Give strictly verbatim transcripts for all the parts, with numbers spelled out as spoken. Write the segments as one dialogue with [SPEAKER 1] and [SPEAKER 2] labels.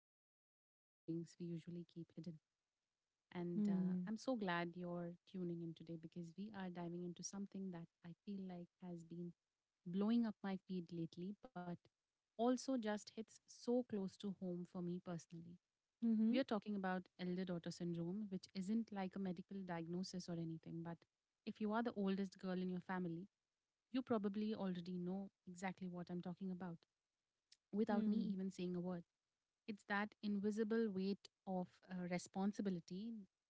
[SPEAKER 1] family, and all the feelings we usually keep hidden. And uh,
[SPEAKER 2] Mm.
[SPEAKER 1] I'm so glad you're tuning in today because we are diving into something that I feel like has been blowing up my feed lately, but also just hits so close to home for me personally.
[SPEAKER 2] Mhm.
[SPEAKER 1] We are talking about elder daughter syndrome, which isn't like a medical diagnosis or anything, but if you are the oldest girl in your family, you probably already know exactly what I'm talking about without me
[SPEAKER 2] Mm.
[SPEAKER 1] even saying a word. It's that invisible weight of uh, responsibility,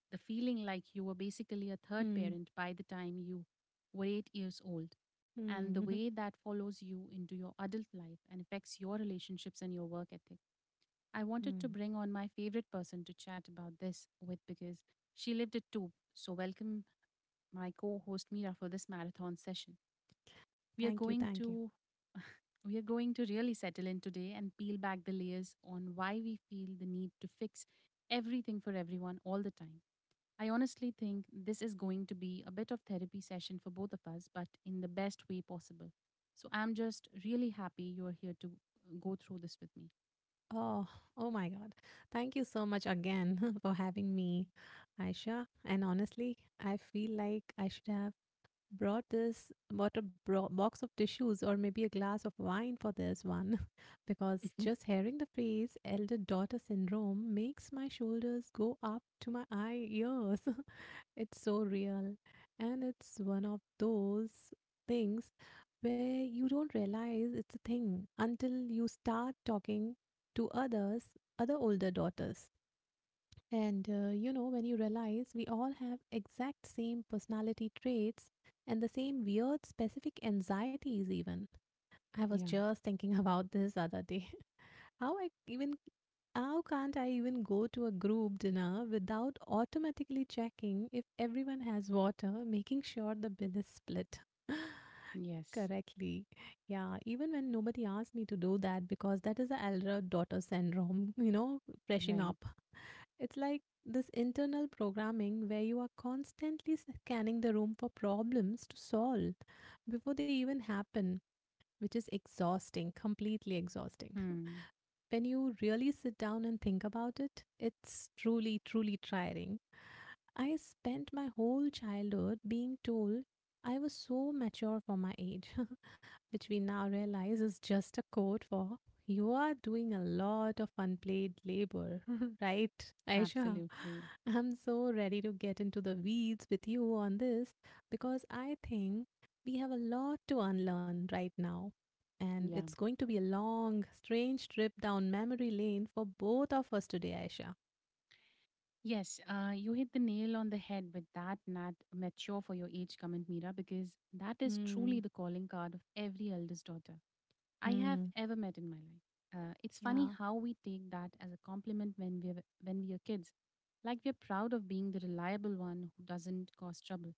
[SPEAKER 1] the feeling like you were basically a third
[SPEAKER 2] Mm.
[SPEAKER 1] parent by the time you were eight years old,
[SPEAKER 2] Mm.
[SPEAKER 1] and the
[SPEAKER 2] Mhm.
[SPEAKER 1] way that follows you into your adult life and affects your relationships and your work ethic. I wanted to
[SPEAKER 2] Mm.
[SPEAKER 1] bring on my favorite person to chat about this with because she lived it too. So, welcome my co host Mira for this marathon session. We are
[SPEAKER 2] Thank you.
[SPEAKER 1] going
[SPEAKER 2] Thank you.
[SPEAKER 1] to. We are going to really settle in today and peel back the layers on why we feel the need to fix everything for everyone all the time. I honestly think this is going to be a bit of therapy session for both of us, but in the best way possible. So I'm just really happy you're here to uh, go through this with
[SPEAKER 2] Oh, oh my God. Thank you so much again for having me, Aisha. And honestly, I feel like I should have brought this, bought a bro- box of tissues or maybe a glass of wine for this one. Because
[SPEAKER 1] me.
[SPEAKER 2] just hearing the phrase elder daughter syndrome makes my shoulders go up to my eye ears. It's so real. And it's one of those things where you don't realize it's a thing until you start talking to others, other older daughters. And uh, you know, when you realize we all have exact same personality traits and the same weird specific anxieties, even. I was
[SPEAKER 1] Yeah.
[SPEAKER 2] just thinking about this other day. How I even how can't I even go to a group dinner without automatically checking if everyone has water, making sure the bill is split
[SPEAKER 1] Yes.
[SPEAKER 2] correctly? Yeah, even when nobody asked me to do that because that is the elder daughter syndrome, you know, freshing
[SPEAKER 1] Right.
[SPEAKER 2] up. It's like this internal programming where you are constantly scanning the room for problems to solve before they even happen, which is exhausting, completely exhausting.
[SPEAKER 1] Hmm.
[SPEAKER 2] When you really sit down and think about it, it's truly, truly tiring. I spent my whole childhood being told I was so mature for my age, which we now realize is just a code for you are doing a lot of unpaid labor, right, Aisha?
[SPEAKER 1] Absolutely.
[SPEAKER 2] I'm so ready to get into the weeds with you on this because I think we have a lot to unlearn right now. And
[SPEAKER 1] Yeah.
[SPEAKER 2] it's going to be a long, strange trip down memory lane for both of us today, Aisha.
[SPEAKER 1] Yes. Uh, you hit the nail on the head with that nat mature for your age comment, Mira, because that is
[SPEAKER 2] Hmm.
[SPEAKER 1] truly the calling card of every eldest daughter I have
[SPEAKER 2] Hmm.
[SPEAKER 1] ever met in my life. Uh, it's funny
[SPEAKER 2] Yeah.
[SPEAKER 1] how we take that as a compliment when we are, when we are kids, like we're proud of being the reliable one who doesn't cause trouble.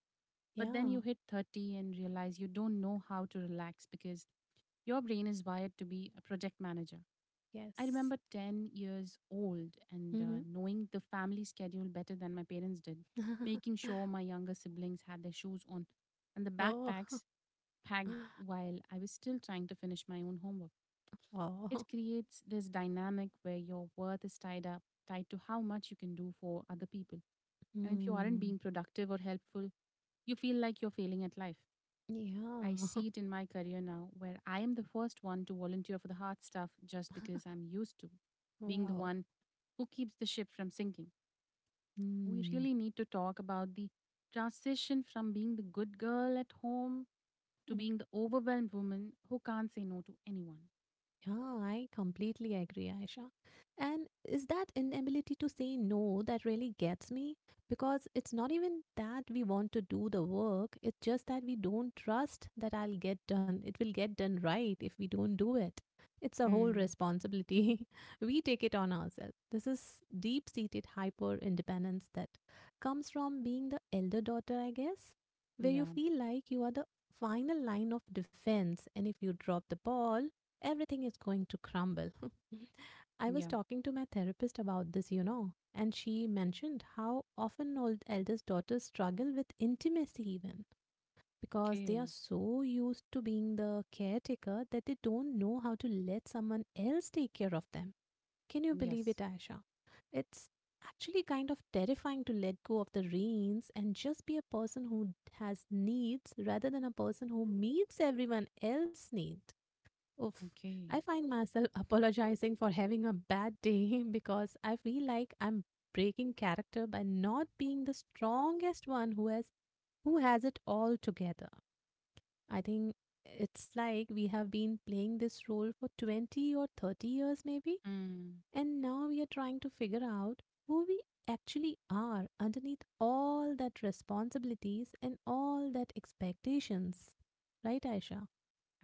[SPEAKER 1] But then you
[SPEAKER 2] Yeah.
[SPEAKER 1] hit thirty and realize you don't know how to relax because your brain is wired to be a project manager. I
[SPEAKER 2] Yes.
[SPEAKER 1] remember ten years old and uh,
[SPEAKER 2] Mm-hmm.
[SPEAKER 1] knowing the family schedule better than my parents did, making sure my younger siblings had their shoes on and the
[SPEAKER 2] Oh.
[SPEAKER 1] backpacks packed while I was still trying to finish my own homework.
[SPEAKER 2] Oh.
[SPEAKER 1] It creates this dynamic where your worth is tied up, tied to how much you can do for other people. And if you aren't
[SPEAKER 2] Hmm.
[SPEAKER 1] being productive or helpful, you feel like you're failing at life.
[SPEAKER 2] Yeah.
[SPEAKER 1] I see it in my career now, where I am the first one to volunteer for the hard stuff just because I'm used to being the
[SPEAKER 2] Wow.
[SPEAKER 1] one who keeps the ship from sinking. We
[SPEAKER 2] Hmm.
[SPEAKER 1] really need to talk about the transition from being the good girl at home to being the overwhelmed woman who can't say no to anyone.
[SPEAKER 2] Yeah, I completely agree, Aisha. And is that inability to say no that really gets me? Because it's not even that we want to do the work, it's just that we don't trust that I'll get done. It will get done right if we don't do it. It's our whole
[SPEAKER 1] Hmm.
[SPEAKER 2] responsibility. We take it on ourselves. This is deep seated hyper independence that comes from being the elder daughter, I guess, where you
[SPEAKER 1] Yeah.
[SPEAKER 2] feel like you are the final line of defense, and if you drop the ball, everything is going to crumble. I was
[SPEAKER 1] Yeah.
[SPEAKER 2] talking to my therapist about this, you know, and she mentioned how often old eldest daughters struggle with intimacy even because they are
[SPEAKER 1] Okay.
[SPEAKER 2] so used to being the caretaker that they don't know how to let someone else take care of them. Can you believe
[SPEAKER 1] Yes.
[SPEAKER 2] it, Aisha? It's actually kind of terrifying to let go of the reins and just be a person who has needs rather than a person who meets everyone else's need. Oof. I
[SPEAKER 1] Okay.
[SPEAKER 2] find myself apologizing for having a bad day because I feel like I'm breaking character by not being the strongest one who has who has it all together. I think it's like we have been playing this role for twenty or thirty years maybe,
[SPEAKER 1] Mm.
[SPEAKER 2] and now we are trying to figure out who we actually are underneath all that responsibilities and all that expectations. Right, Aisha?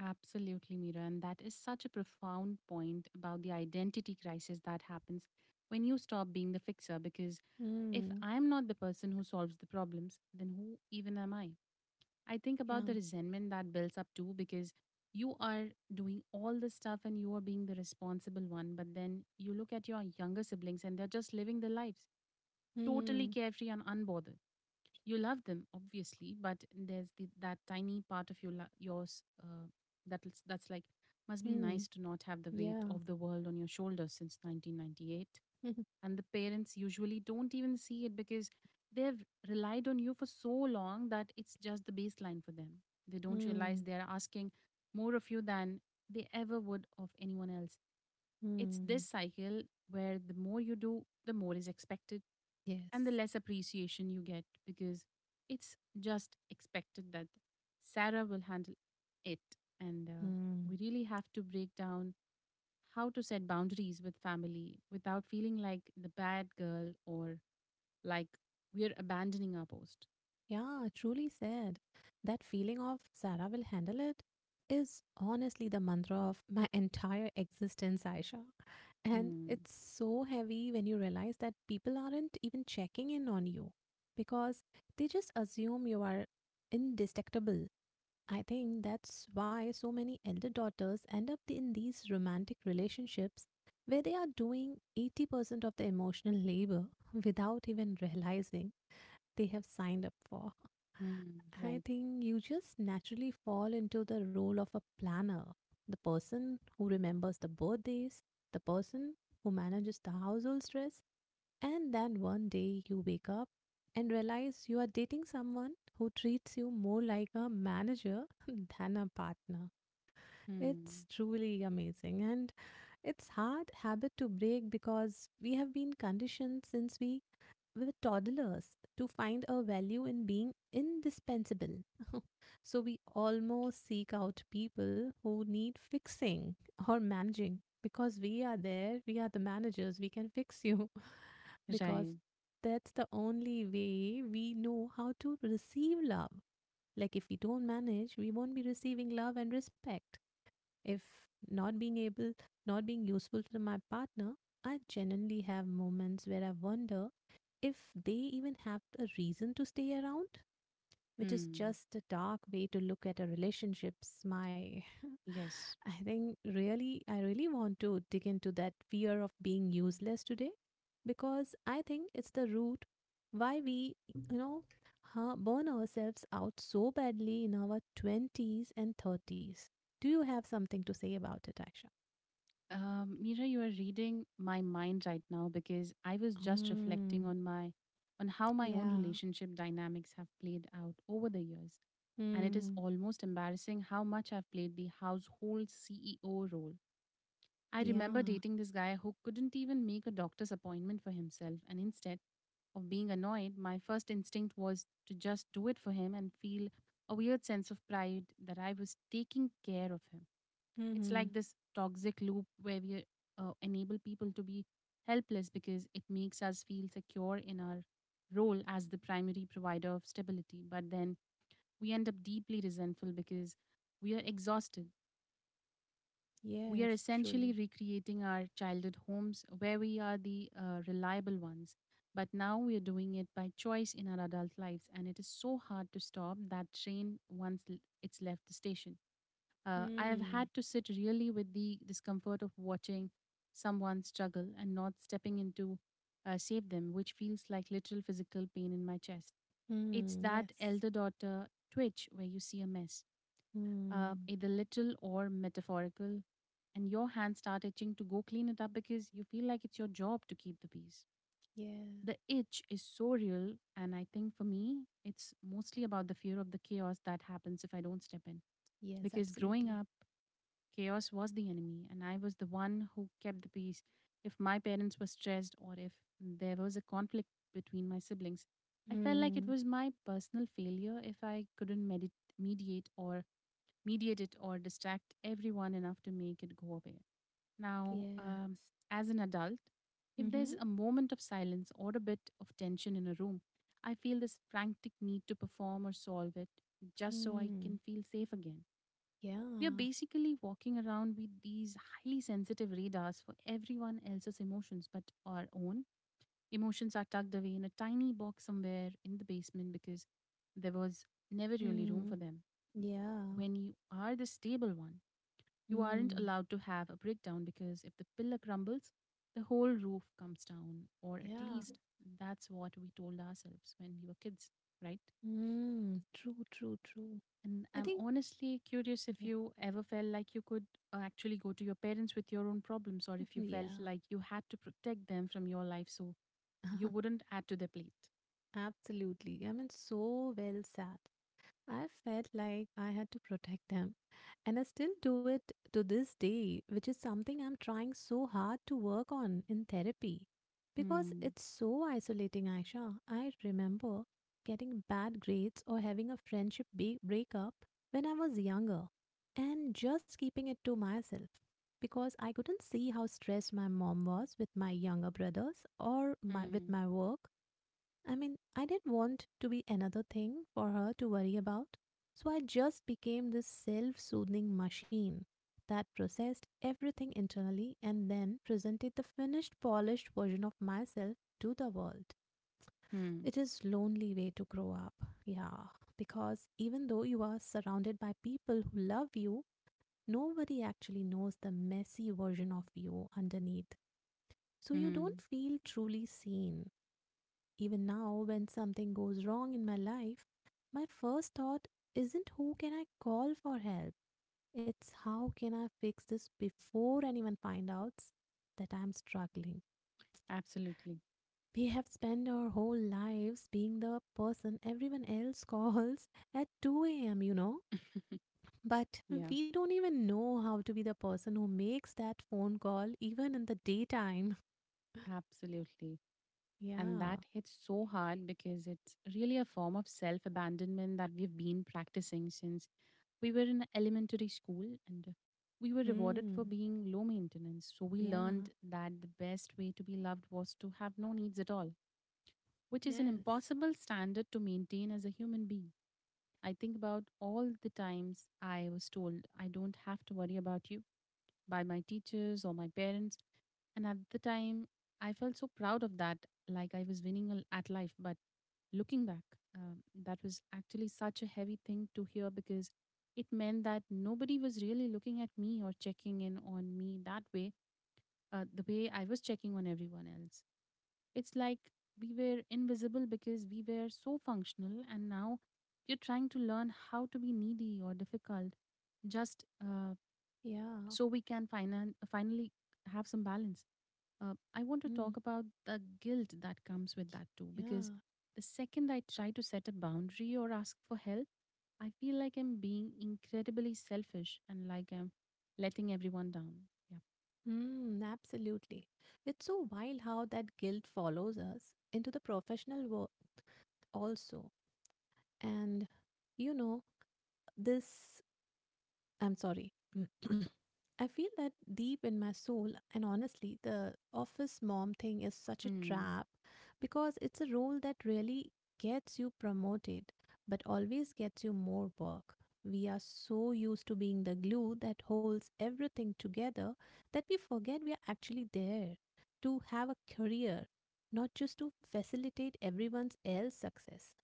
[SPEAKER 1] Absolutely, Mira. And that is such a profound point about the identity crisis that happens when you stop being the fixer, because if
[SPEAKER 2] Hmm.
[SPEAKER 1] I'm not the person who solves the problems, then who even am I? I think about
[SPEAKER 2] Yeah.
[SPEAKER 1] the resentment that builds up too, because you are doing all this stuff and you are being the responsible one, but then you look at your younger siblings and they're just living their lives totally
[SPEAKER 2] Hmm.
[SPEAKER 1] carefree and unbothered. You love them obviously, but there's the, that tiny part of your lo- yours uh, that is- that's like, must be
[SPEAKER 2] Mm,
[SPEAKER 1] nice to not have the weight
[SPEAKER 2] yeah.
[SPEAKER 1] of the world on your shoulders since nineteen ninety-eight. And the parents usually don't even see it because they've relied on you for so long that it's just the baseline for them. They don't realize
[SPEAKER 2] Mm,
[SPEAKER 1] they're asking more of you than they ever would of anyone else. It's this
[SPEAKER 2] mm,
[SPEAKER 1] cycle where the more you do, the more is expected, and the
[SPEAKER 2] yes.
[SPEAKER 1] less appreciation you get because it's just expected that Sarah will handle it. And uh,
[SPEAKER 2] Mm,
[SPEAKER 1] we really have to break down how to set boundaries with family without feeling like the bad girl or like we're abandoning our post.
[SPEAKER 2] yeah, truly said. That feeling of Sarah will handle it is honestly the mantra of my entire existence, Aisha. And
[SPEAKER 1] Hmm.
[SPEAKER 2] it's so heavy when you realize that people aren't even checking in on you because they just assume you are indestructible. I think that's why so many elder daughters end up in these romantic relationships where they are doing eighty percent of the emotional labor without even realizing they have signed up for.
[SPEAKER 1] Hmm.
[SPEAKER 2] I
[SPEAKER 1] Right.
[SPEAKER 2] think you just naturally fall into the role of a planner, the person who remembers the birthdays, the person who manages the household stress, and then one day you wake up and realize you are dating someone who treats you more like a manager than a partner. It's
[SPEAKER 1] Hmm.
[SPEAKER 2] truly amazing. And it's hard habit to break because we have been conditioned since we were toddlers to find our value in being indispensable. So we almost seek out people who need fixing or managing because we are there, we are the managers, we can fix you because
[SPEAKER 1] Right.
[SPEAKER 2] that's the only way we know how to receive love. Like if we don't manage, we won't be receiving love and respect. If not being able, not being useful to my partner, I genuinely have moments where I wonder if they even have a reason to stay around, which is
[SPEAKER 1] Hmm.
[SPEAKER 2] just a dark way to look at a relationships my
[SPEAKER 1] Yes.
[SPEAKER 2] I think really, I really want to dig into that fear of being useless today because I think it's the root why we you know huh, burn ourselves out so badly in our twenties and thirties. Do you have something to say about it, Aisha?
[SPEAKER 1] Um, Mira, you are reading my mind right now because I was just reflecting
[SPEAKER 2] Mm,
[SPEAKER 1] on my on how my own
[SPEAKER 2] yeah.
[SPEAKER 1] relationship dynamics have played out over the years. And it is
[SPEAKER 2] Mm,
[SPEAKER 1] almost embarrassing how much I've played the household C E O role. I remember
[SPEAKER 2] yeah.
[SPEAKER 1] dating this guy who couldn't even make a doctor's appointment for himself, and instead of being annoyed, my first instinct was to just do it for him and feel a weird sense of pride that I was taking care of him. It's
[SPEAKER 2] Hmm.
[SPEAKER 1] like this toxic loop where we uh, enable people to be helpless because it makes us feel secure in our role as the primary provider of stability. But then we end up deeply resentful because we are exhausted. We are
[SPEAKER 2] Yes.
[SPEAKER 1] essentially
[SPEAKER 2] Truly.
[SPEAKER 1] recreating our childhood homes where we are the uh, reliable ones. But now we are doing it by choice in our adult lives, and it is so hard to stop that train once l- it's left the station. Uh, I have
[SPEAKER 2] Mm,
[SPEAKER 1] had to sit really with the discomfort of watching someone struggle and not stepping in to uh, save them, which feels like literal physical pain in my chest. It's
[SPEAKER 2] mm,
[SPEAKER 1] that
[SPEAKER 2] yes.
[SPEAKER 1] elder daughter twitch where you see a mess, uh,
[SPEAKER 2] Mm.
[SPEAKER 1] either literal or metaphorical, and your hands start itching to go clean it up because you feel like it's your job to keep the peace.
[SPEAKER 2] Yes.
[SPEAKER 1] The itch is so real, and I think for me, it's mostly about the fear of the chaos that happens if I don't step in.
[SPEAKER 2] Yes,
[SPEAKER 1] Because growing
[SPEAKER 2] absolutely.
[SPEAKER 1] up, chaos was the enemy, and I was the one who kept the peace. If my parents were stressed or if there was a conflict between my siblings, I felt like it
[SPEAKER 2] Mm.
[SPEAKER 1] was my personal failure if I couldn't medit- mediate or mediate it or distract everyone enough to make it go away. Now,
[SPEAKER 2] Yeah.
[SPEAKER 1] um, as an adult, if
[SPEAKER 2] Mm-hmm.
[SPEAKER 1] there's a moment of silence or a bit of tension in a room, I feel this frantic need to perform or solve it just so I can
[SPEAKER 2] Mm.
[SPEAKER 1] feel safe again.
[SPEAKER 2] Yeah.
[SPEAKER 1] We are basically walking around with these highly sensitive radars for everyone else's emotions, but our own emotions are tucked away in a tiny box somewhere in the basement because there was never really room
[SPEAKER 2] Mm.
[SPEAKER 1] for them.
[SPEAKER 2] Yeah.
[SPEAKER 1] When you are the stable one, you aren't
[SPEAKER 2] Mm.
[SPEAKER 1] allowed to have a breakdown because if the pillar crumbles, the whole roof comes down, or at
[SPEAKER 2] Yeah.
[SPEAKER 1] least that's what we told ourselves when we were kids, right?
[SPEAKER 2] Mm. True, true, true.
[SPEAKER 1] And
[SPEAKER 2] I
[SPEAKER 1] I'm
[SPEAKER 2] think,
[SPEAKER 1] honestly curious if
[SPEAKER 2] yeah.
[SPEAKER 1] you ever felt like you could uh, actually go to your parents with your own problems, or if you felt
[SPEAKER 2] Yeah.
[SPEAKER 1] like you had to protect them from your life so you wouldn't add to their plate.
[SPEAKER 2] Absolutely. I mean, so well said. I felt like I had to protect them. And I still do it to this day, which is something I'm trying so hard to work on in therapy. Because
[SPEAKER 1] Hmm.
[SPEAKER 2] it's so isolating, Aisha. I remember getting bad grades or having a friendship be- breakup when I was younger and just keeping it to myself because I couldn't see how stressed my mom was with my younger brothers or my, with
[SPEAKER 1] Mm.
[SPEAKER 2] my work. I mean, I didn't want to be another thing for her to worry about. So I just became this self soothing machine that processed everything internally and then presented the finished, polished version of myself to the world.
[SPEAKER 1] Hmm.
[SPEAKER 2] It is lonely way to grow up. Yeah, because even though you are surrounded by people who love you, nobody actually knows the messy version of you underneath. So you don't
[SPEAKER 1] Hmm.
[SPEAKER 2] feel truly seen. Even now, when something goes wrong in my life, my first thought isn't who can I call for help. It's how can I fix this before anyone find out that I'm struggling.
[SPEAKER 1] Absolutely.
[SPEAKER 2] We have spent our whole lives being the person everyone else calls at two a m, you know. But
[SPEAKER 1] Yeah.
[SPEAKER 2] we don't even know how to be the person who makes that phone call even in the daytime.
[SPEAKER 1] Absolutely. And that
[SPEAKER 2] Yeah.
[SPEAKER 1] hits so hard because it's really a form of self abandonment that we've been practicing since we were in elementary school and we were rewarded
[SPEAKER 2] Mm.
[SPEAKER 1] for being low maintenance. So we
[SPEAKER 2] Yeah.
[SPEAKER 1] learned that the best way to be loved was to have no needs at all, which is an
[SPEAKER 2] Yes.
[SPEAKER 1] impossible standard to maintain as a human being. I think about all the times I was told, I don't have to worry about you, by my teachers or my parents. And at the time, I felt so proud of that, like I was winning al- at life. But looking back, um, that was actually such a heavy thing to hear because it meant that nobody was really looking at me or checking in on me that way, uh, the way I was checking on everyone else. It's like we were invisible because we were so functional, and now you're trying to learn how to be needy or difficult just uh,
[SPEAKER 2] Yeah.
[SPEAKER 1] so we can finan- finally have some balance. Uh, I want to
[SPEAKER 2] Mm.
[SPEAKER 1] talk about the guilt that comes with that too, because
[SPEAKER 2] Yeah.
[SPEAKER 1] the second I try to set a boundary or ask for help, I feel like I'm being incredibly selfish and like I'm letting everyone down. Yeah.
[SPEAKER 2] Mm, absolutely. It's so wild how that guilt follows us into the professional world also. And you know, this I'm sorry. I feel that deep in my soul, and honestly, the office mom thing is such a
[SPEAKER 1] Hmm.
[SPEAKER 2] trap because it's a role that really gets you promoted but always gets you more work. We are so used to being the glue that holds everything together that we forget we are actually there to have a career, not just to facilitate everyone's else success.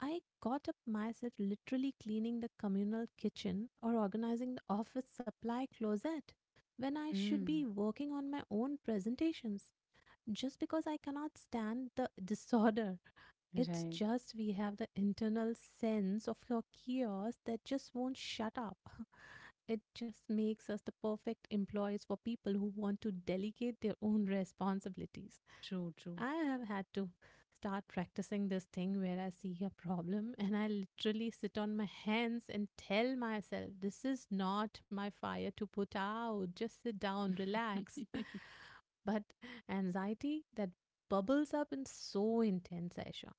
[SPEAKER 2] I caught up myself literally cleaning the communal kitchen or organizing the office supply closet when I should be
[SPEAKER 1] Hmm.
[SPEAKER 2] working on my own presentations just because I cannot stand the disorder. It's
[SPEAKER 1] Right.
[SPEAKER 2] just we have the internal sense of your chaos that just won't shut up. It just makes us the perfect employees for people who want to delegate their own responsibilities.
[SPEAKER 1] True. True.
[SPEAKER 2] I have had to start practicing this thing where I see a problem and I literally sit on my hands and tell myself, this is not my fire to put out. Just sit down, relax. But anxiety that bubbles up is so intense, Aisha.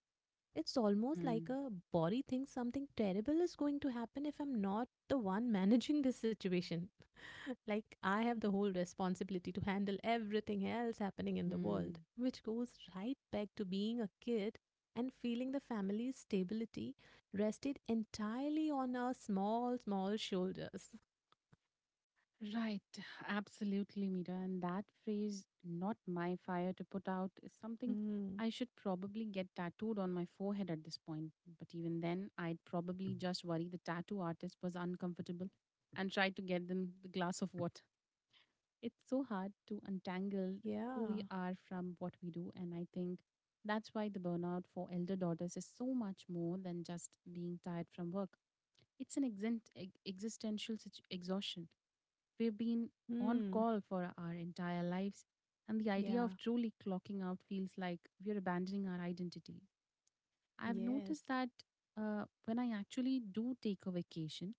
[SPEAKER 2] It's almost
[SPEAKER 1] Hmm.
[SPEAKER 2] like a body thinks something terrible is going to happen if I'm not the one managing this situation. Like I have the whole responsibility to handle everything else happening in the
[SPEAKER 1] Hmm.
[SPEAKER 2] world, which goes right back to being a kid and feeling the family's stability rested entirely on our small, small shoulders.
[SPEAKER 1] Right, absolutely, Mira. And that phrase, not my fire to put out, is something
[SPEAKER 2] Mm,
[SPEAKER 1] I should probably get tattooed on my forehead at this point. But even then, I'd probably just worry the tattoo artist was uncomfortable and try to get them the glass of water. It's so hard to untangle who we
[SPEAKER 2] yeah.
[SPEAKER 1] are from what we do. And I think that's why the burnout for elder daughters is so much more than just being tired from work. It's an exent- ex- existential situ- exhaustion. We've been on
[SPEAKER 2] Mm,
[SPEAKER 1] call for our entire lives, and the idea
[SPEAKER 2] yeah.
[SPEAKER 1] of truly clocking out feels like we're abandoning our identity. I've
[SPEAKER 2] Yes.
[SPEAKER 1] noticed that uh, when I actually do take a vacation,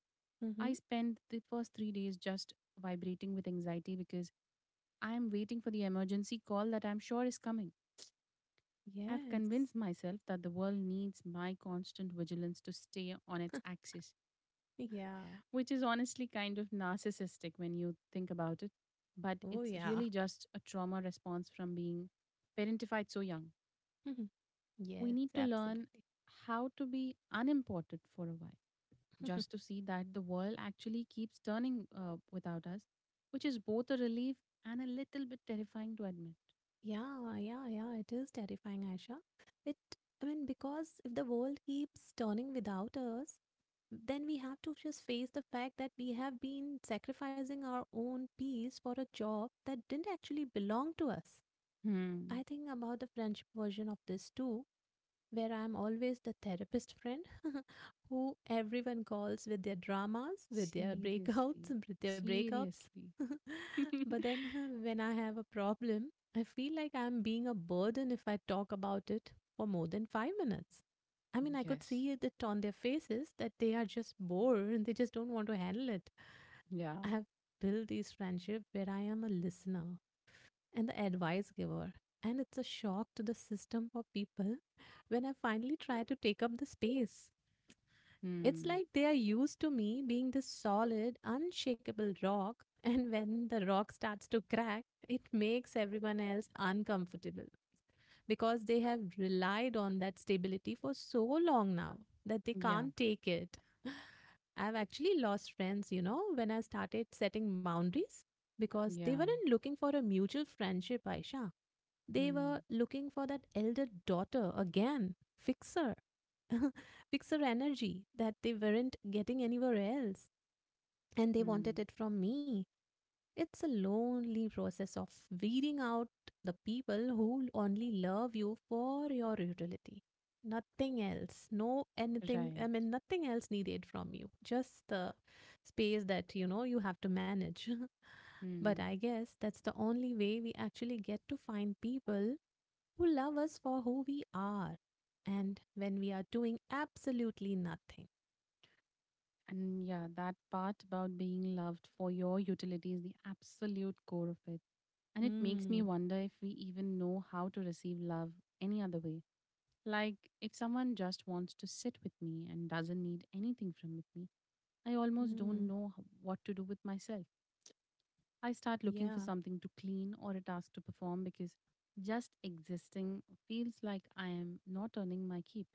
[SPEAKER 1] I
[SPEAKER 2] Mm-hmm.
[SPEAKER 1] spend the first three days just vibrating with anxiety because I am waiting for the emergency call that I'm sure is coming. I've
[SPEAKER 2] Yes.
[SPEAKER 1] convinced myself that the world needs my constant vigilance to stay on its axis,
[SPEAKER 2] Yeah.
[SPEAKER 1] which is honestly kind of narcissistic when you think about it. But
[SPEAKER 2] Oh,
[SPEAKER 1] it's
[SPEAKER 2] yeah.
[SPEAKER 1] really just a trauma response from being parentified so young.
[SPEAKER 2] Mhm.
[SPEAKER 1] We
[SPEAKER 2] Yes,
[SPEAKER 1] need to learn
[SPEAKER 2] absolutely.
[SPEAKER 1] how to be unimportant for a while, just to see that the world actually keeps turning uh, without us, which is both a relief and a little bit terrifying to admit.
[SPEAKER 2] Yeah, yeah, yeah. It is terrifying, Aisha. It, I mean, because if the world keeps turning without us, then we have to just face the fact that we have been sacrificing our own peace for a job that didn't actually belong to us.
[SPEAKER 1] Hmm.
[SPEAKER 2] I think about the French version of this too, where I'm always the therapist friend who everyone calls with their dramas, with their breakouts,
[SPEAKER 1] Seriously.
[SPEAKER 2] with their breakups.
[SPEAKER 1] Seriously.
[SPEAKER 2] But then when I have a problem, I feel like I'm being a burden if I talk about it for more than five minutes. I mean, I could
[SPEAKER 1] yes.
[SPEAKER 2] see it on their faces that they are just bored and they just don't want to handle it.
[SPEAKER 1] Yeah.
[SPEAKER 2] I have built these friendships where I am a listener, and the advice giver. And it's a shock to the system for people when I finally try to take up the space. It's
[SPEAKER 1] Hmm.
[SPEAKER 2] like they are used to me being this solid, unshakable rock, and when the rock starts to crack, it makes everyone else uncomfortable because they have relied on that stability for so long now that they
[SPEAKER 1] Yeah.
[SPEAKER 2] can't take it. I've actually lost friends, you know, when I started setting boundaries because they
[SPEAKER 1] Yeah.
[SPEAKER 2] weren't looking for a mutual friendship, Aisha. They
[SPEAKER 1] Hmm.
[SPEAKER 2] were looking for that elder daughter again, fixer, fixer energy that they weren't getting anywhere else. And they wanted
[SPEAKER 1] Hmm.
[SPEAKER 2] it from me. It's a lonely process of weeding out the people who only love you for your utility. Nothing else, no anything,
[SPEAKER 1] Right.
[SPEAKER 2] I mean, nothing else needed from you. Just the space that, you know, you have to manage. But
[SPEAKER 1] Mm.
[SPEAKER 2] I guess that's the only way we actually get to find people who love us for who we are and when we are doing absolutely nothing.
[SPEAKER 1] And yeah, that part about being loved for your utility is the absolute core of it. And it makes me
[SPEAKER 2] Hmm.
[SPEAKER 1] wonder if we even know how to receive love any other way. Like, if someone just wants to sit with me and doesn't need anything from with me, I almost don't
[SPEAKER 2] Hmm.
[SPEAKER 1] know h- what to do with myself. I start looking for
[SPEAKER 2] Yeah.
[SPEAKER 1] something to clean or a task to perform because just existing feels like I am not earning my keep.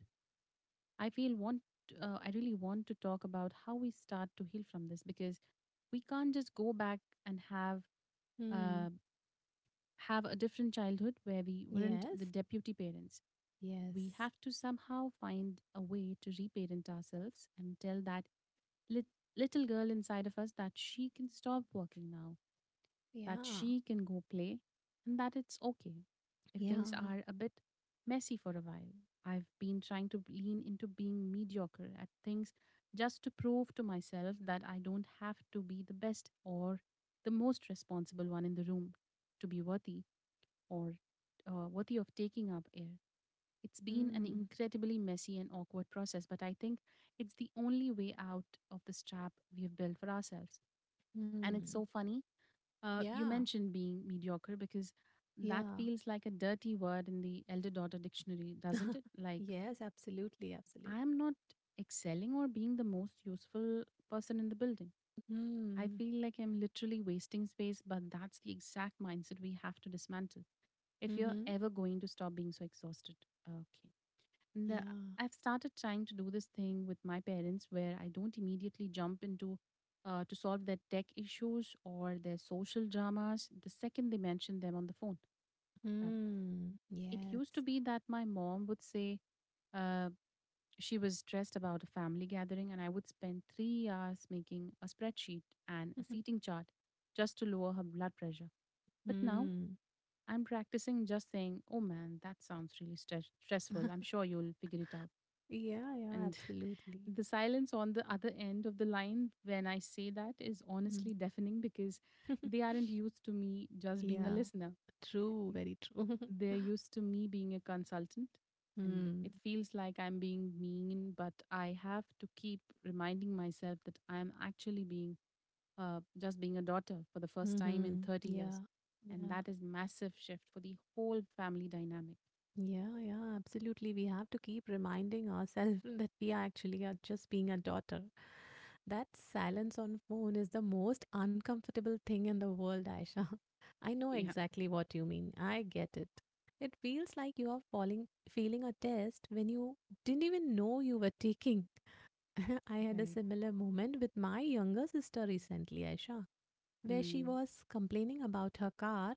[SPEAKER 1] I feel want uh, I really want to talk about how we start to heal from this because we can't just go back and have
[SPEAKER 2] Hmm.
[SPEAKER 1] uh, have a different childhood where we weren't
[SPEAKER 2] Yes.
[SPEAKER 1] the deputy parents. We
[SPEAKER 2] Yes.
[SPEAKER 1] have to somehow find a way to reparent ourselves and tell that lit- little girl inside of us that she can stop working now, that
[SPEAKER 2] Yeah.
[SPEAKER 1] she can go play, and that it's okay if
[SPEAKER 2] Yeah.
[SPEAKER 1] things are a bit messy for a while. I've been trying to lean into being mediocre at things just to prove to myself that I don't have to be the best or the most responsible one in the room to be worthy or uh, worthy of taking up air. It's been an
[SPEAKER 2] Mm.
[SPEAKER 1] incredibly messy and awkward process, but I think it's the only way out of this trap we have built for ourselves. And it's
[SPEAKER 2] Mm.
[SPEAKER 1] so funny. Uh, you
[SPEAKER 2] Yeah.
[SPEAKER 1] mentioned being mediocre because that
[SPEAKER 2] Yeah.
[SPEAKER 1] feels like a dirty word in the elder daughter dictionary, doesn't it? Like,
[SPEAKER 2] Yes, absolutely,
[SPEAKER 1] I'm
[SPEAKER 2] absolutely.
[SPEAKER 1] not excelling or being the most useful person in the building. I
[SPEAKER 2] Mm.
[SPEAKER 1] feel like I'm literally wasting space, but that's the exact mindset we have to dismantle if you're
[SPEAKER 2] Mm-hmm.
[SPEAKER 1] ever going to stop being so exhausted. Okay, the
[SPEAKER 2] Yeah.
[SPEAKER 1] I've started trying to do this thing with my parents where I don't immediately jump into, uh, to solve their tech issues or their social dramas the second they mention them on the phone. Um,
[SPEAKER 2] Mm.
[SPEAKER 1] it used to
[SPEAKER 2] Yes.
[SPEAKER 1] be that my mom would say, uh, she was stressed about a family gathering, and I would spend three hours making a spreadsheet and a seating chart just to lower her blood pressure. But now
[SPEAKER 2] Mm.
[SPEAKER 1] I'm practicing just saying, "Oh man, that sounds really stress stressful. I'm sure you'll figure it out."
[SPEAKER 2] Yeah, yeah,
[SPEAKER 1] And
[SPEAKER 2] absolutely.
[SPEAKER 1] the silence on the other end of the line when I say that is
[SPEAKER 2] Mm.
[SPEAKER 1] honestly deafening because they aren't used to me just being a
[SPEAKER 2] Yeah,
[SPEAKER 1] listener.
[SPEAKER 2] true, very true.
[SPEAKER 1] They're used to me being a consultant. And
[SPEAKER 2] Mm.
[SPEAKER 1] it feels like I'm being mean, but I have to keep reminding myself that I'm actually being, uh, just being a daughter for the first time in
[SPEAKER 2] Mm-hmm.
[SPEAKER 1] thirty years.
[SPEAKER 2] Yeah.
[SPEAKER 1] And
[SPEAKER 2] Yeah.
[SPEAKER 1] that is massive shift for the whole family dynamic.
[SPEAKER 2] Yeah. Yeah. Absolutely. We have to keep reminding ourselves that we are actually are just being a daughter. That silence on phone is the most uncomfortable thing in the world, Aisha. I know
[SPEAKER 1] Yeah.
[SPEAKER 2] exactly what you mean. I get it. It feels like you are falling, feeling a test when you didn't even know you were taking. I had a
[SPEAKER 1] Right.
[SPEAKER 2] similar moment with my younger sister recently, Aisha, where she
[SPEAKER 1] Hmm.
[SPEAKER 2] was complaining about her car,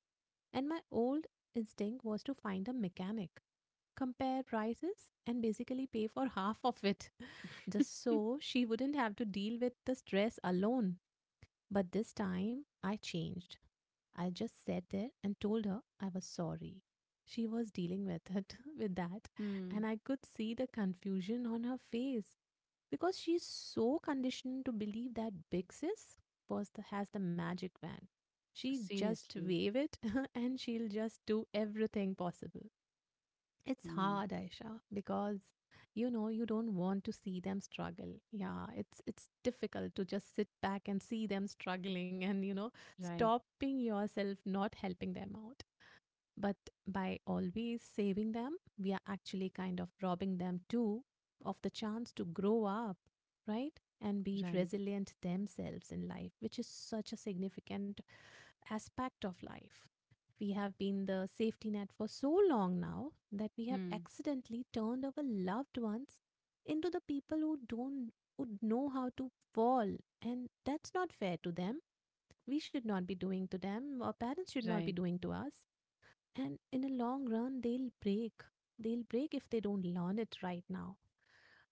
[SPEAKER 2] and my old instinct was to find a mechanic, compare prices, and basically pay for half of it, just so she wouldn't have to deal with the stress alone. But this time, I changed. I just sat there and told her I was sorry. She was dealing with it, with that, and
[SPEAKER 1] hmm.
[SPEAKER 2] I could see the confusion on her face because she's so conditioned to believe that big sis was the has the magic wand, she just
[SPEAKER 1] Seriously.
[SPEAKER 2] wave it and she'll just do everything possible. It's
[SPEAKER 1] Hmm.
[SPEAKER 2] hard, Aisha, because you know you don't want to see them struggle. Yeah, it's it's difficult to just sit back and see them struggling, and you know,
[SPEAKER 1] Right,
[SPEAKER 2] stopping yourself not helping them out. But by always saving them, we are actually kind of robbing them too of the chance to grow up, right? And be
[SPEAKER 1] right.
[SPEAKER 2] resilient themselves in life, which is such a significant aspect of life. We have been the safety net for so long now that we have
[SPEAKER 1] Hmm,
[SPEAKER 2] accidentally turned our loved ones into the people who don't who know how to fall, and that's not fair to them. We should not be doing to them, our parents should not be
[SPEAKER 1] right.
[SPEAKER 2] doing to us. And in the long run they'll break. They'll break if they don't learn it right now.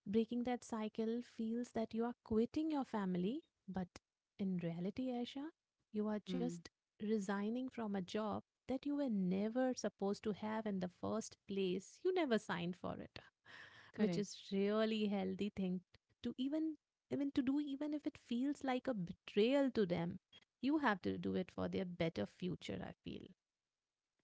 [SPEAKER 2] Breaking that cycle feels that you are quitting your family, but in reality, Aisha, you are
[SPEAKER 1] Hmm,
[SPEAKER 2] just resigning from a job that you were never supposed to have in the first place. You never signed for it. Which
[SPEAKER 1] correct.
[SPEAKER 2] is really healthy thing to even, I mean, to do, even if it feels like a betrayal to them. You have to do it for their better future, I feel.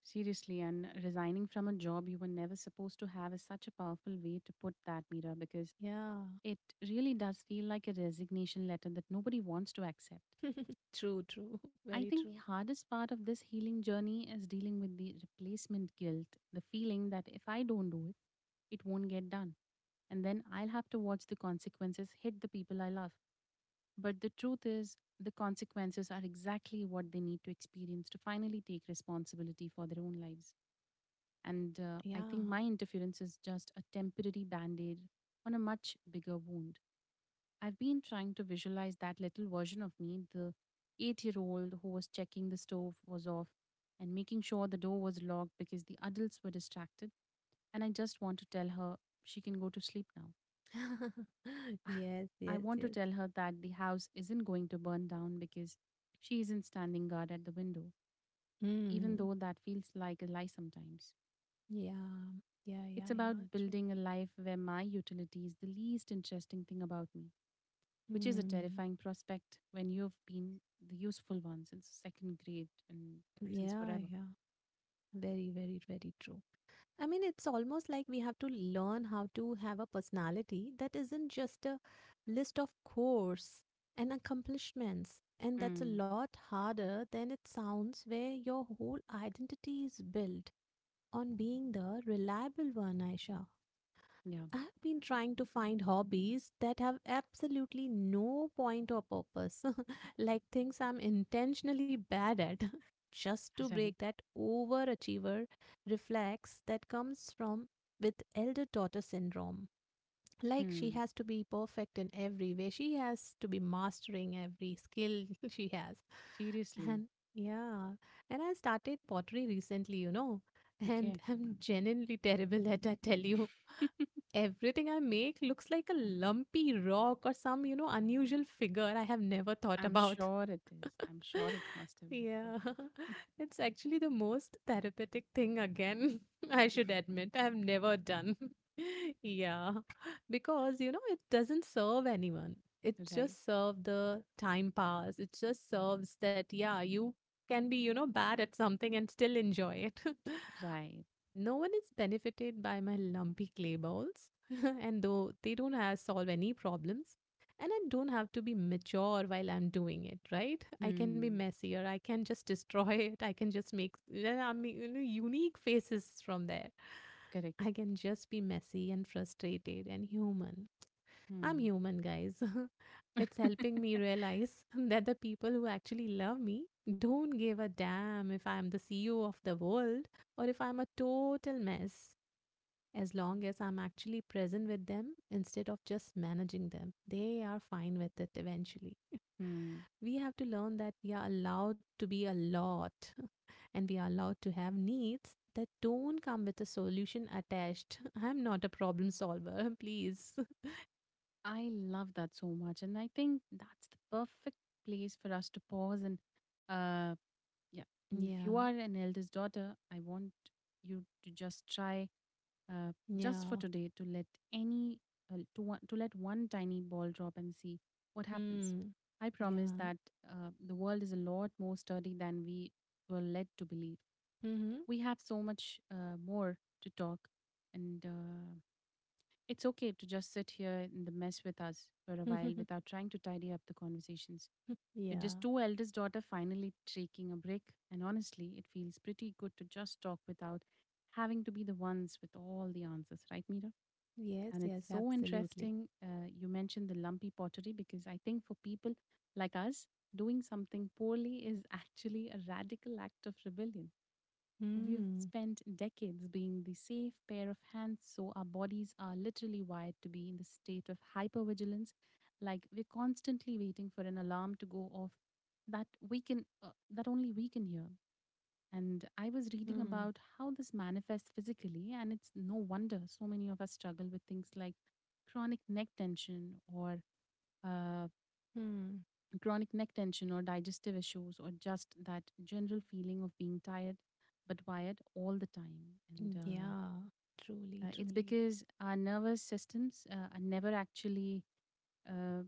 [SPEAKER 1] Seriously, and resigning from a job you were never supposed to have is such a powerful way to put that, Mira, because
[SPEAKER 2] Yeah.
[SPEAKER 1] it really does feel like a resignation letter that nobody wants to accept.
[SPEAKER 2] True, true. Very
[SPEAKER 1] I think
[SPEAKER 2] true.
[SPEAKER 1] the hardest part of this healing journey is dealing with the replacement guilt, the feeling that if I don't do it, it won't get done. And then I'll have to watch the consequences hit the people I love. But the truth is, the consequences are exactly what they need to experience to finally take responsibility for their own lives. And uh, I
[SPEAKER 2] Yeah.
[SPEAKER 1] think my interference is just a temporary band aid on a much bigger wound. I've been trying to visualize that little version of me, the eight year old who was checking the stove was off and making sure the door was locked because the adults were distracted. And I just want to tell her she can go to sleep now.
[SPEAKER 2] Yes,
[SPEAKER 1] I
[SPEAKER 2] yes,
[SPEAKER 1] want to
[SPEAKER 2] yes.
[SPEAKER 1] tell her that the house isn't going to burn down because she isn't standing guard at the window, even
[SPEAKER 2] Mm.
[SPEAKER 1] though that feels like a lie sometimes.
[SPEAKER 2] Yeah. Yeah,
[SPEAKER 1] It's
[SPEAKER 2] yeah, yeah.
[SPEAKER 1] about
[SPEAKER 2] True.
[SPEAKER 1] building a life where my utility is the least interesting thing about me, which is a
[SPEAKER 2] Mm.
[SPEAKER 1] terrifying prospect when you've been the useful one since second grade and since
[SPEAKER 2] Yeah,
[SPEAKER 1] forever.
[SPEAKER 2] yeah. Very, very, very true. I mean, it's almost like we have to learn how to have a personality that isn't just a list of chores and accomplishments. And that's a
[SPEAKER 1] Mm,
[SPEAKER 2] lot harder than it sounds, where your whole identity is built on being the reliable one, Aisha.
[SPEAKER 1] yeah,
[SPEAKER 2] I've been trying to find hobbies that have absolutely no point or purpose, like things I'm intentionally bad at, just to break
[SPEAKER 1] right.
[SPEAKER 2] that overachiever reflex that comes from with elder daughter syndrome. Like she
[SPEAKER 1] Hmm.
[SPEAKER 2] has to be perfect in every way, she has to be mastering every skill she has. And
[SPEAKER 1] Seriously.
[SPEAKER 2] yeah, and I started pottery recently, you know, and
[SPEAKER 1] Okay.
[SPEAKER 2] I'm genuinely terrible at, I tell you. Everything I make looks like a lumpy rock or some, you know, unusual figure I have never thought
[SPEAKER 1] I'm
[SPEAKER 2] about.
[SPEAKER 1] sure it is. I'm sure it must have looked
[SPEAKER 2] Yeah,
[SPEAKER 1] like that.
[SPEAKER 2] it's actually the most therapeutic thing again. I should admit, I've never done. Yeah, because you know, it doesn't serve anyone. It
[SPEAKER 1] Right.
[SPEAKER 2] just serves the time pass. It just serves that, yeah, you can be, you know, bad at something and still enjoy it.
[SPEAKER 1] Right.
[SPEAKER 2] No one is benefited by my lumpy clay balls, and though they don't have solve any problems, and I don't have to be mature while I'm doing it, right? I can be
[SPEAKER 1] Hmm.
[SPEAKER 2] messier. I can just destroy it. I can just make, well, I mean, you know, unique faces from there.
[SPEAKER 1] Correct.
[SPEAKER 2] I can just be messy and frustrated and human. I'm
[SPEAKER 1] Hmm.
[SPEAKER 2] human, guys. It's helping me realize that the people who actually love me don't give a damn if I'm the C E O of the world or if I'm a total mess. As long as I'm actually present with them instead of just managing them, they are fine with it eventually.
[SPEAKER 1] Hmm.
[SPEAKER 2] We have to learn that we are allowed to be a lot and we are allowed to have needs that don't come with a solution attached. I'm not a problem solver, please.
[SPEAKER 1] I love that so much. And I think that's the perfect place for us to pause. And uh, yeah, and
[SPEAKER 2] Yeah,
[SPEAKER 1] if you are an eldest daughter, I want you to just try, uh, just for
[SPEAKER 2] yeah.
[SPEAKER 1] today, to let any, uh, to, one, to let one tiny ball drop and see what happens.
[SPEAKER 2] Mm.
[SPEAKER 1] I promise
[SPEAKER 2] Yeah.
[SPEAKER 1] that uh, the world is a lot more sturdy than we were led to believe.
[SPEAKER 2] Mm-hmm.
[SPEAKER 1] We have so much uh, more to talk and uh, it's okay to just sit here in the mess with us for a while without trying to tidy up the conversations. We're just
[SPEAKER 2] Yeah.
[SPEAKER 1] two eldest daughter finally taking a break, and honestly, it feels pretty good to just talk without having to be the ones with all the answers, right, Mira?
[SPEAKER 2] Yes,
[SPEAKER 1] And it's
[SPEAKER 2] yes,
[SPEAKER 1] so
[SPEAKER 2] absolutely.
[SPEAKER 1] interesting. Uh, you mentioned the lumpy pottery because I think for people like us, doing something poorly is actually a radical act of rebellion. We've
[SPEAKER 2] Mm.
[SPEAKER 1] spent decades being the safe pair of hands, so our bodies are literally wired to be in the state of hypervigilance. Like we're constantly waiting for an alarm to go off that we can, uh, that only we can hear. And I was reading
[SPEAKER 2] Mm.
[SPEAKER 1] about how this manifests physically, and it's no wonder so many of us struggle with things like chronic neck tension or uh,
[SPEAKER 2] Mm.
[SPEAKER 1] chronic neck tension or digestive issues or just that general feeling of being tired but wired all the time and uh,
[SPEAKER 2] Yeah. Truly,
[SPEAKER 1] uh, it's
[SPEAKER 2] truly.
[SPEAKER 1] because our nervous systems uh, are never actually uh,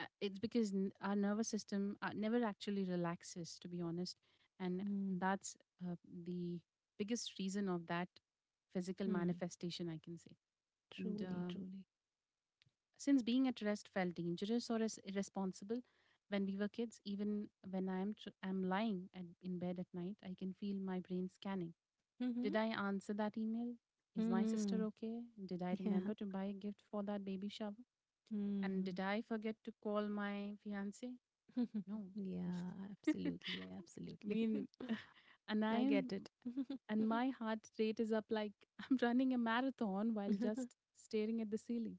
[SPEAKER 1] uh, it's because n- our nervous system uh, never actually relaxes to be honest, and
[SPEAKER 2] Mm.
[SPEAKER 1] that's uh, the biggest reason of that physical
[SPEAKER 2] Mm.
[SPEAKER 1] manifestation I can say. And
[SPEAKER 2] Truly,
[SPEAKER 1] uh,
[SPEAKER 2] truly.
[SPEAKER 1] since being at rest felt dangerous or is irresponsible when we were kids, even when I am tr- am lying at, in bed at night, I can feel my brain scanning.
[SPEAKER 2] Mm-hmm.
[SPEAKER 1] Did I answer that email? Is my sister
[SPEAKER 2] Mm-hmm.
[SPEAKER 1] okay? Did I
[SPEAKER 2] Yeah.
[SPEAKER 1] remember to buy a gift for that baby shower? And
[SPEAKER 2] Mm.
[SPEAKER 1] did I forget to call my fiance? No.
[SPEAKER 2] Yeah,
[SPEAKER 1] I
[SPEAKER 2] absolutely, absolutely.
[SPEAKER 1] mean, and I
[SPEAKER 2] I get
[SPEAKER 1] am,
[SPEAKER 2] it.
[SPEAKER 1] and my heart rate is up like I'm running a marathon while just staring at the ceiling.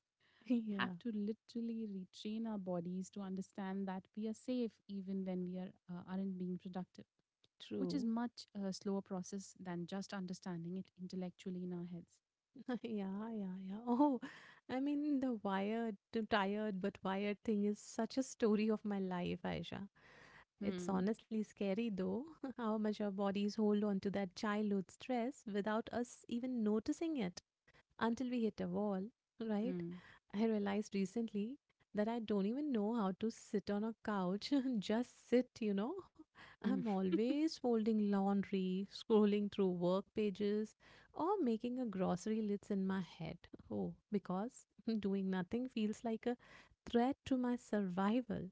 [SPEAKER 1] Have
[SPEAKER 2] Yeah,
[SPEAKER 1] to literally retrain our bodies to understand that we are safe even when we are uh, aren't being productive, which is
[SPEAKER 2] true.
[SPEAKER 1] much a slower process than just understanding it intellectually in our heads.
[SPEAKER 2] Yeah, yeah, yeah. Oh, I mean, the wired to tired but wired thing is such a story of my life, Aisha. It's
[SPEAKER 1] Hmm.
[SPEAKER 2] honestly scary though, how much our bodies hold on to that childhood stress without us even noticing it until we hit a wall, right?
[SPEAKER 1] Mm.
[SPEAKER 2] I realized recently that I don't even know how to sit on a couch, just sit, you know. I'm
[SPEAKER 1] Hmm.
[SPEAKER 2] always folding laundry, scrolling through work pages, or making a grocery list in my head. Oh, because doing nothing feels like a threat to my survival.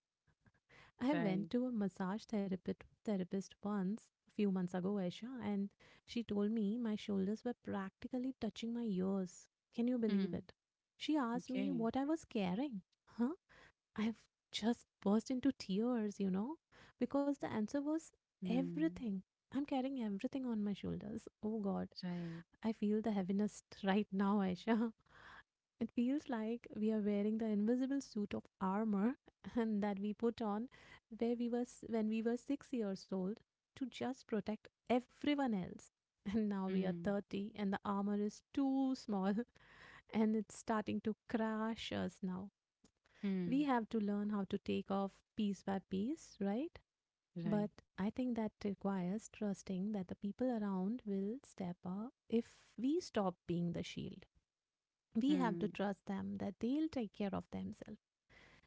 [SPEAKER 2] I
[SPEAKER 1] Right.
[SPEAKER 2] went to a massage therapist therapist once a few months ago, Aisha, and she told me my shoulders were practically touching my ears. Can you
[SPEAKER 1] Hmm.
[SPEAKER 2] believe it? She asked me
[SPEAKER 1] Okay.
[SPEAKER 2] what I was carrying. Huh? I've just burst into tears, you know, because the answer was
[SPEAKER 1] Hmm.
[SPEAKER 2] everything. I'm carrying everything on my shoulders. Oh God,
[SPEAKER 1] Right.
[SPEAKER 2] I feel the heaviness right now, Aisha. It feels like we are wearing the invisible suit of armor and that we put on where we were s- when we were six years old to just protect everyone else. And now we are
[SPEAKER 1] Hmm.
[SPEAKER 2] thirty and the armor is too small and it's starting to crash us now. We
[SPEAKER 1] Hmm.
[SPEAKER 2] have to learn how to take off piece by piece, right?
[SPEAKER 1] Right.
[SPEAKER 2] But I think that requires trusting that the people around will step up if we stop being the shield. We have to
[SPEAKER 1] Hmm.
[SPEAKER 2] trust them that they'll take care of themselves.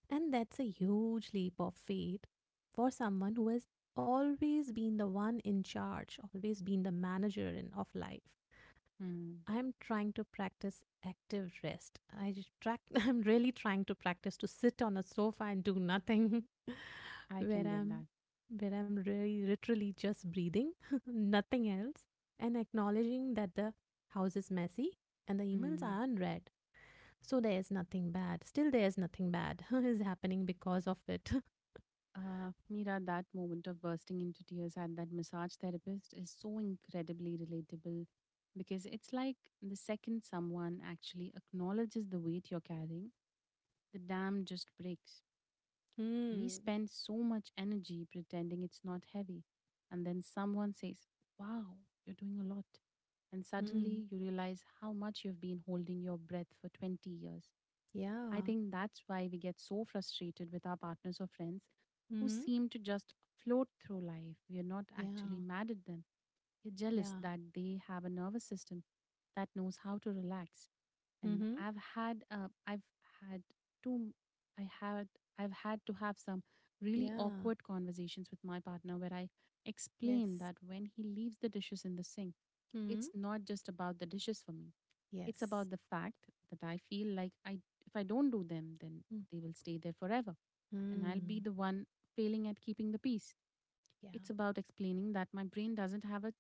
[SPEAKER 2] And that's a huge leap of faith for someone who has always been the one in charge, always been the manager in, of life.
[SPEAKER 1] Hmm.
[SPEAKER 2] I'm trying to practice active rest. I just track, I'm really trying to practice to sit on a sofa and do nothing
[SPEAKER 1] I
[SPEAKER 2] where
[SPEAKER 1] can get
[SPEAKER 2] I'm
[SPEAKER 1] that.
[SPEAKER 2] where I'm really literally just breathing, nothing else, and acknowledging that the house is messy and the emails
[SPEAKER 1] Hmm.
[SPEAKER 2] are unread so there's nothing bad. Still, there's nothing bad is happening because of it.
[SPEAKER 1] Uh, Mira, that moment of bursting into tears at that massage therapist is so incredibly relatable because it's like the second someone actually acknowledges the weight you're carrying, the dam just breaks. We
[SPEAKER 2] Mm.
[SPEAKER 1] spend so much energy pretending it's not heavy, and then someone says, "Wow, you're doing a lot." And
[SPEAKER 2] Mm.
[SPEAKER 1] suddenly you realize how much you've been holding your breath for twenty years. I
[SPEAKER 2] Yeah.
[SPEAKER 1] think that's why we get so frustrated with our partners or friends who
[SPEAKER 2] Mm-hmm.
[SPEAKER 1] seem to just float through life. We are not
[SPEAKER 2] Yeah.
[SPEAKER 1] actually mad at them. We're jealous
[SPEAKER 2] Yeah.
[SPEAKER 1] that they have a nervous system that knows how to relax. And
[SPEAKER 2] Mm-hmm.
[SPEAKER 1] I've had, uh, I've had two, I had, I've had to have some really
[SPEAKER 2] Yeah.
[SPEAKER 1] awkward conversations with my partner where I explain
[SPEAKER 2] Yes.
[SPEAKER 1] that when he leaves the dishes in the sink, it's
[SPEAKER 2] Mm.
[SPEAKER 1] not just about the dishes for me. It's
[SPEAKER 2] Yes.
[SPEAKER 1] about the fact that I feel like I if I don't do them, then they will stay there forever and I'll be
[SPEAKER 2] Mm.
[SPEAKER 1] the one failing at keeping the peace.
[SPEAKER 2] Yeah.
[SPEAKER 1] It's about explaining that my brain doesn't have a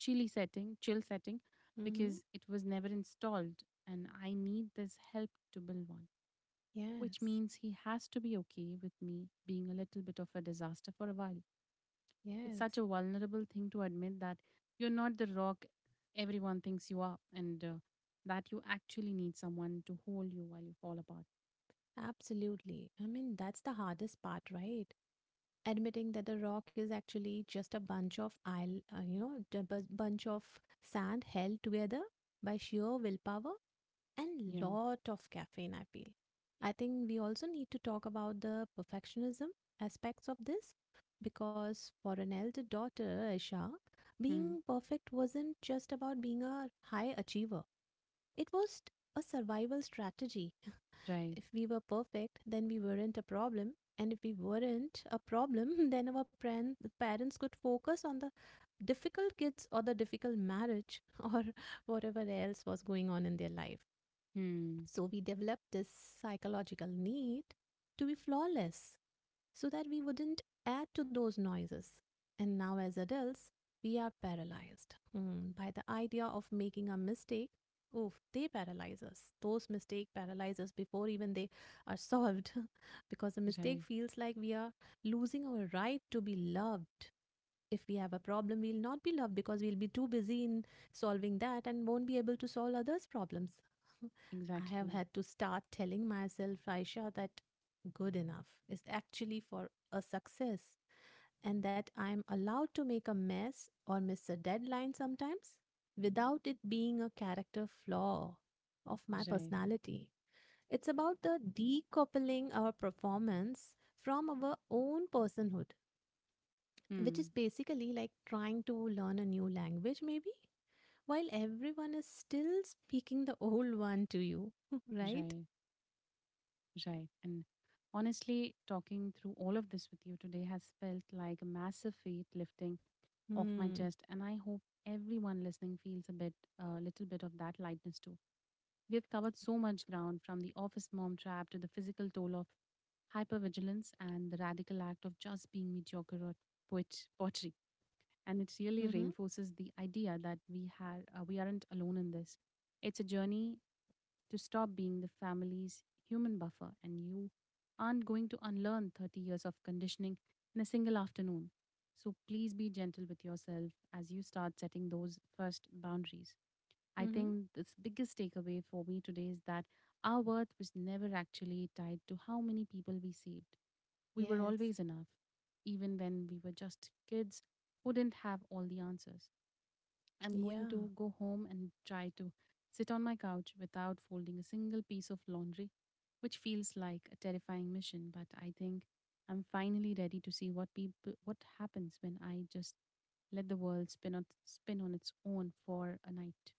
[SPEAKER 1] chilly setting, chill setting
[SPEAKER 2] Mm-hmm.
[SPEAKER 1] because it was never installed and I need this help to build one, which
[SPEAKER 2] Yes.
[SPEAKER 1] means he has to be okay with me being a little bit of a disaster for a while. It's
[SPEAKER 2] Yes.
[SPEAKER 1] such a vulnerable thing to admit that you're not the rock everyone thinks you are and uh, that you actually need someone to hold you while you fall apart.
[SPEAKER 2] Absolutely. I mean, that's the hardest part, right? Admitting that the rock is actually just a bunch of isle, uh, you know, a bunch of sand held together by sheer willpower and
[SPEAKER 1] Yeah.
[SPEAKER 2] lot of caffeine, I feel. I think we also need to talk about the perfectionism aspects of this, because for an elder daughter, Aisha,
[SPEAKER 1] Hmm.
[SPEAKER 2] being perfect wasn't just about being a high achiever, it was a survival strategy.
[SPEAKER 1] Right.
[SPEAKER 2] If we were perfect then we weren't a problem, and if we weren't a problem then our pran- parents could focus on the difficult kids or the difficult marriage or whatever else was going on in their life.
[SPEAKER 1] Hmm.
[SPEAKER 2] So we developed this psychological need to be flawless so that we wouldn't add to those noises. And now, as adults, we are paralyzed hmm, by the idea of making a mistake. Oof, they paralyze us. Those mistakes paralyze us before even they are solved because a mistake
[SPEAKER 1] Right.
[SPEAKER 2] feels like we are losing our right to be loved. If we have a problem, we'll not be loved because we'll be too busy in solving that and won't be able to solve others' problems. I have
[SPEAKER 1] Exactly.
[SPEAKER 2] had to start telling myself, Aisha, that good enough is actually for a success and that I'm allowed to make a mess or miss a deadline sometimes without it being a character flaw of my
[SPEAKER 1] Right.
[SPEAKER 2] personality. It's about the decoupling our performance from our own personhood, which is
[SPEAKER 1] Hmm.
[SPEAKER 2] basically like trying to learn a new language, maybe, while everyone is still speaking the old one to you, right?
[SPEAKER 1] Right. Right. And honestly, talking through all of this with you today has felt like a massive weight lifting off my
[SPEAKER 2] Hmm.
[SPEAKER 1] chest. And I hope everyone listening feels a bit, a little bit of that lightness too. We have covered so much ground, from the office mom trap to the physical toll of hypervigilance and the radical act of just being mediocre at poet- pottery. And it really
[SPEAKER 2] Mm-hmm.
[SPEAKER 1] reinforces the idea that we, had, uh, we aren't alone in this. It's a journey to stop being the family's human buffer, and you aren't going to unlearn thirty years of conditioning in a single afternoon. So please be gentle with yourself as you start setting those first boundaries. I
[SPEAKER 2] Mm-hmm.
[SPEAKER 1] think this biggest takeaway for me today is that our worth was never actually tied to how many people we saved. We were
[SPEAKER 2] Yes.
[SPEAKER 1] always enough, even when we were just kids who didn't have all the answers. I'm going
[SPEAKER 2] Yeah.
[SPEAKER 1] to go home and try to sit on my couch without folding a single piece of laundry, which feels like a terrifying mission, but I think I'm finally ready to see what people what happens when I just let the world spin on spin on its own for a night.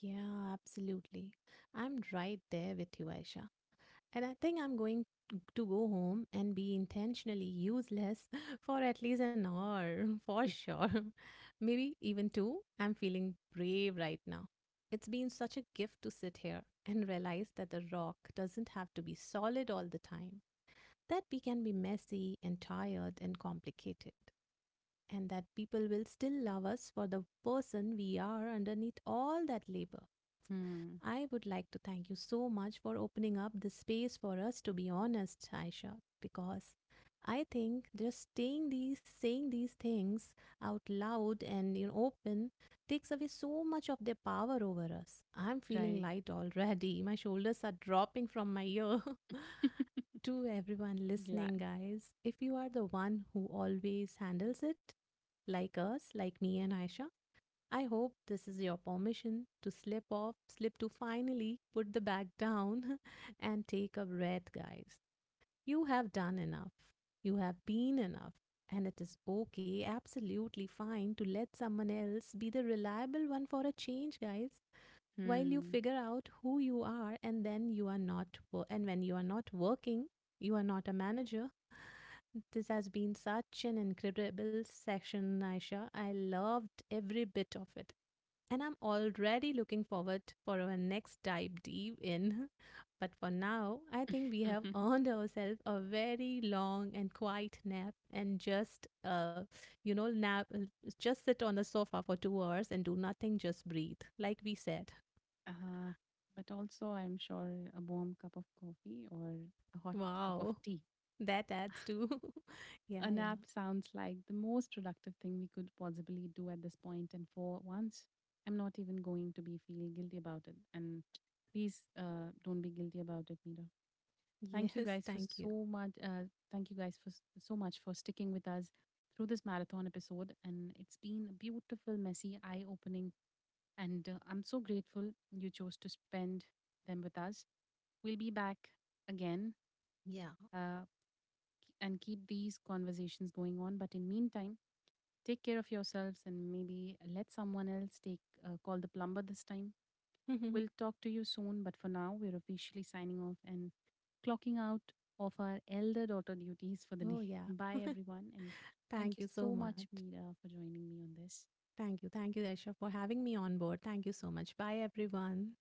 [SPEAKER 2] Yeah, absolutely. I'm right there with you, Aisha. And I think I'm going to go home and be intentionally useless for at least an hour, for sure. Maybe even two. I'm feeling brave right now. It's been such a gift to sit here and realize that the rock doesn't have to be solid all the time, that we can be messy and tired and complicated, and that people will still love us for the person we are underneath all that labor.
[SPEAKER 1] Hmm.
[SPEAKER 2] I would like to thank you so much for opening up this space for us to be honest, Aisha, because I think just saying these saying these things out loud and you know, open, takes away so much of their power over us. I'm feeling
[SPEAKER 1] Right.
[SPEAKER 2] light already. My shoulders are dropping from my ear. To everyone
[SPEAKER 1] Glad.
[SPEAKER 2] listening, guys, if you are the one who always handles it, like us, like me and Aisha, I hope this is your permission to slip off, slip to finally put the bag down and take a breath, guys. You have done enough. You have been enough. And it is okay, absolutely fine to let someone else be the reliable one for a change, guys. While you
[SPEAKER 1] Hmm.
[SPEAKER 2] figure out who you are and then you are not, and when you are not working, you are not a manager. This has been such an incredible session, Aisha. I loved every bit of it and I'm already looking forward for our next dive deep in. But for now, I think we have earned ourselves a very long and quiet nap and just uh you know nap uh, just sit on the sofa for two hours and do nothing, just breathe like we said.
[SPEAKER 1] Uh, but also, I'm sure a warm cup of coffee or a hot cup of
[SPEAKER 2] Wow.
[SPEAKER 1] tea.
[SPEAKER 2] That adds to
[SPEAKER 1] A
[SPEAKER 2] Yeah, yeah.
[SPEAKER 1] nap sounds like the most productive thing we could possibly do at this point, and for once, I'm not even going to be feel guilty about it. And please, uh, don't be guilty about it, Mira. Thank you
[SPEAKER 2] Yes,
[SPEAKER 1] guys for
[SPEAKER 2] thank you.
[SPEAKER 1] so much. Uh, thank you guys for s- so much for sticking with us through this marathon episode, and it's been a beautiful, messy, eye-opening. And uh, I'm so grateful you chose to spend them with us. We'll be back again,
[SPEAKER 2] Yeah.
[SPEAKER 1] uh, k- and keep these conversations going on. But in meantime, take care of yourselves and maybe let someone else take, uh, call the plumber this time. We'll talk to you soon. But for now, we're officially signing off and clocking out of our elder daughter duties for the day.
[SPEAKER 2] Oh yeah.
[SPEAKER 1] Bye, everyone. And thank
[SPEAKER 2] Thank
[SPEAKER 1] you
[SPEAKER 2] you so
[SPEAKER 1] so
[SPEAKER 2] much.
[SPEAKER 1] much, Mira, for joining me on this.
[SPEAKER 2] Thank you. Thank you Aisha for having me on board. Thank you so much. Bye everyone.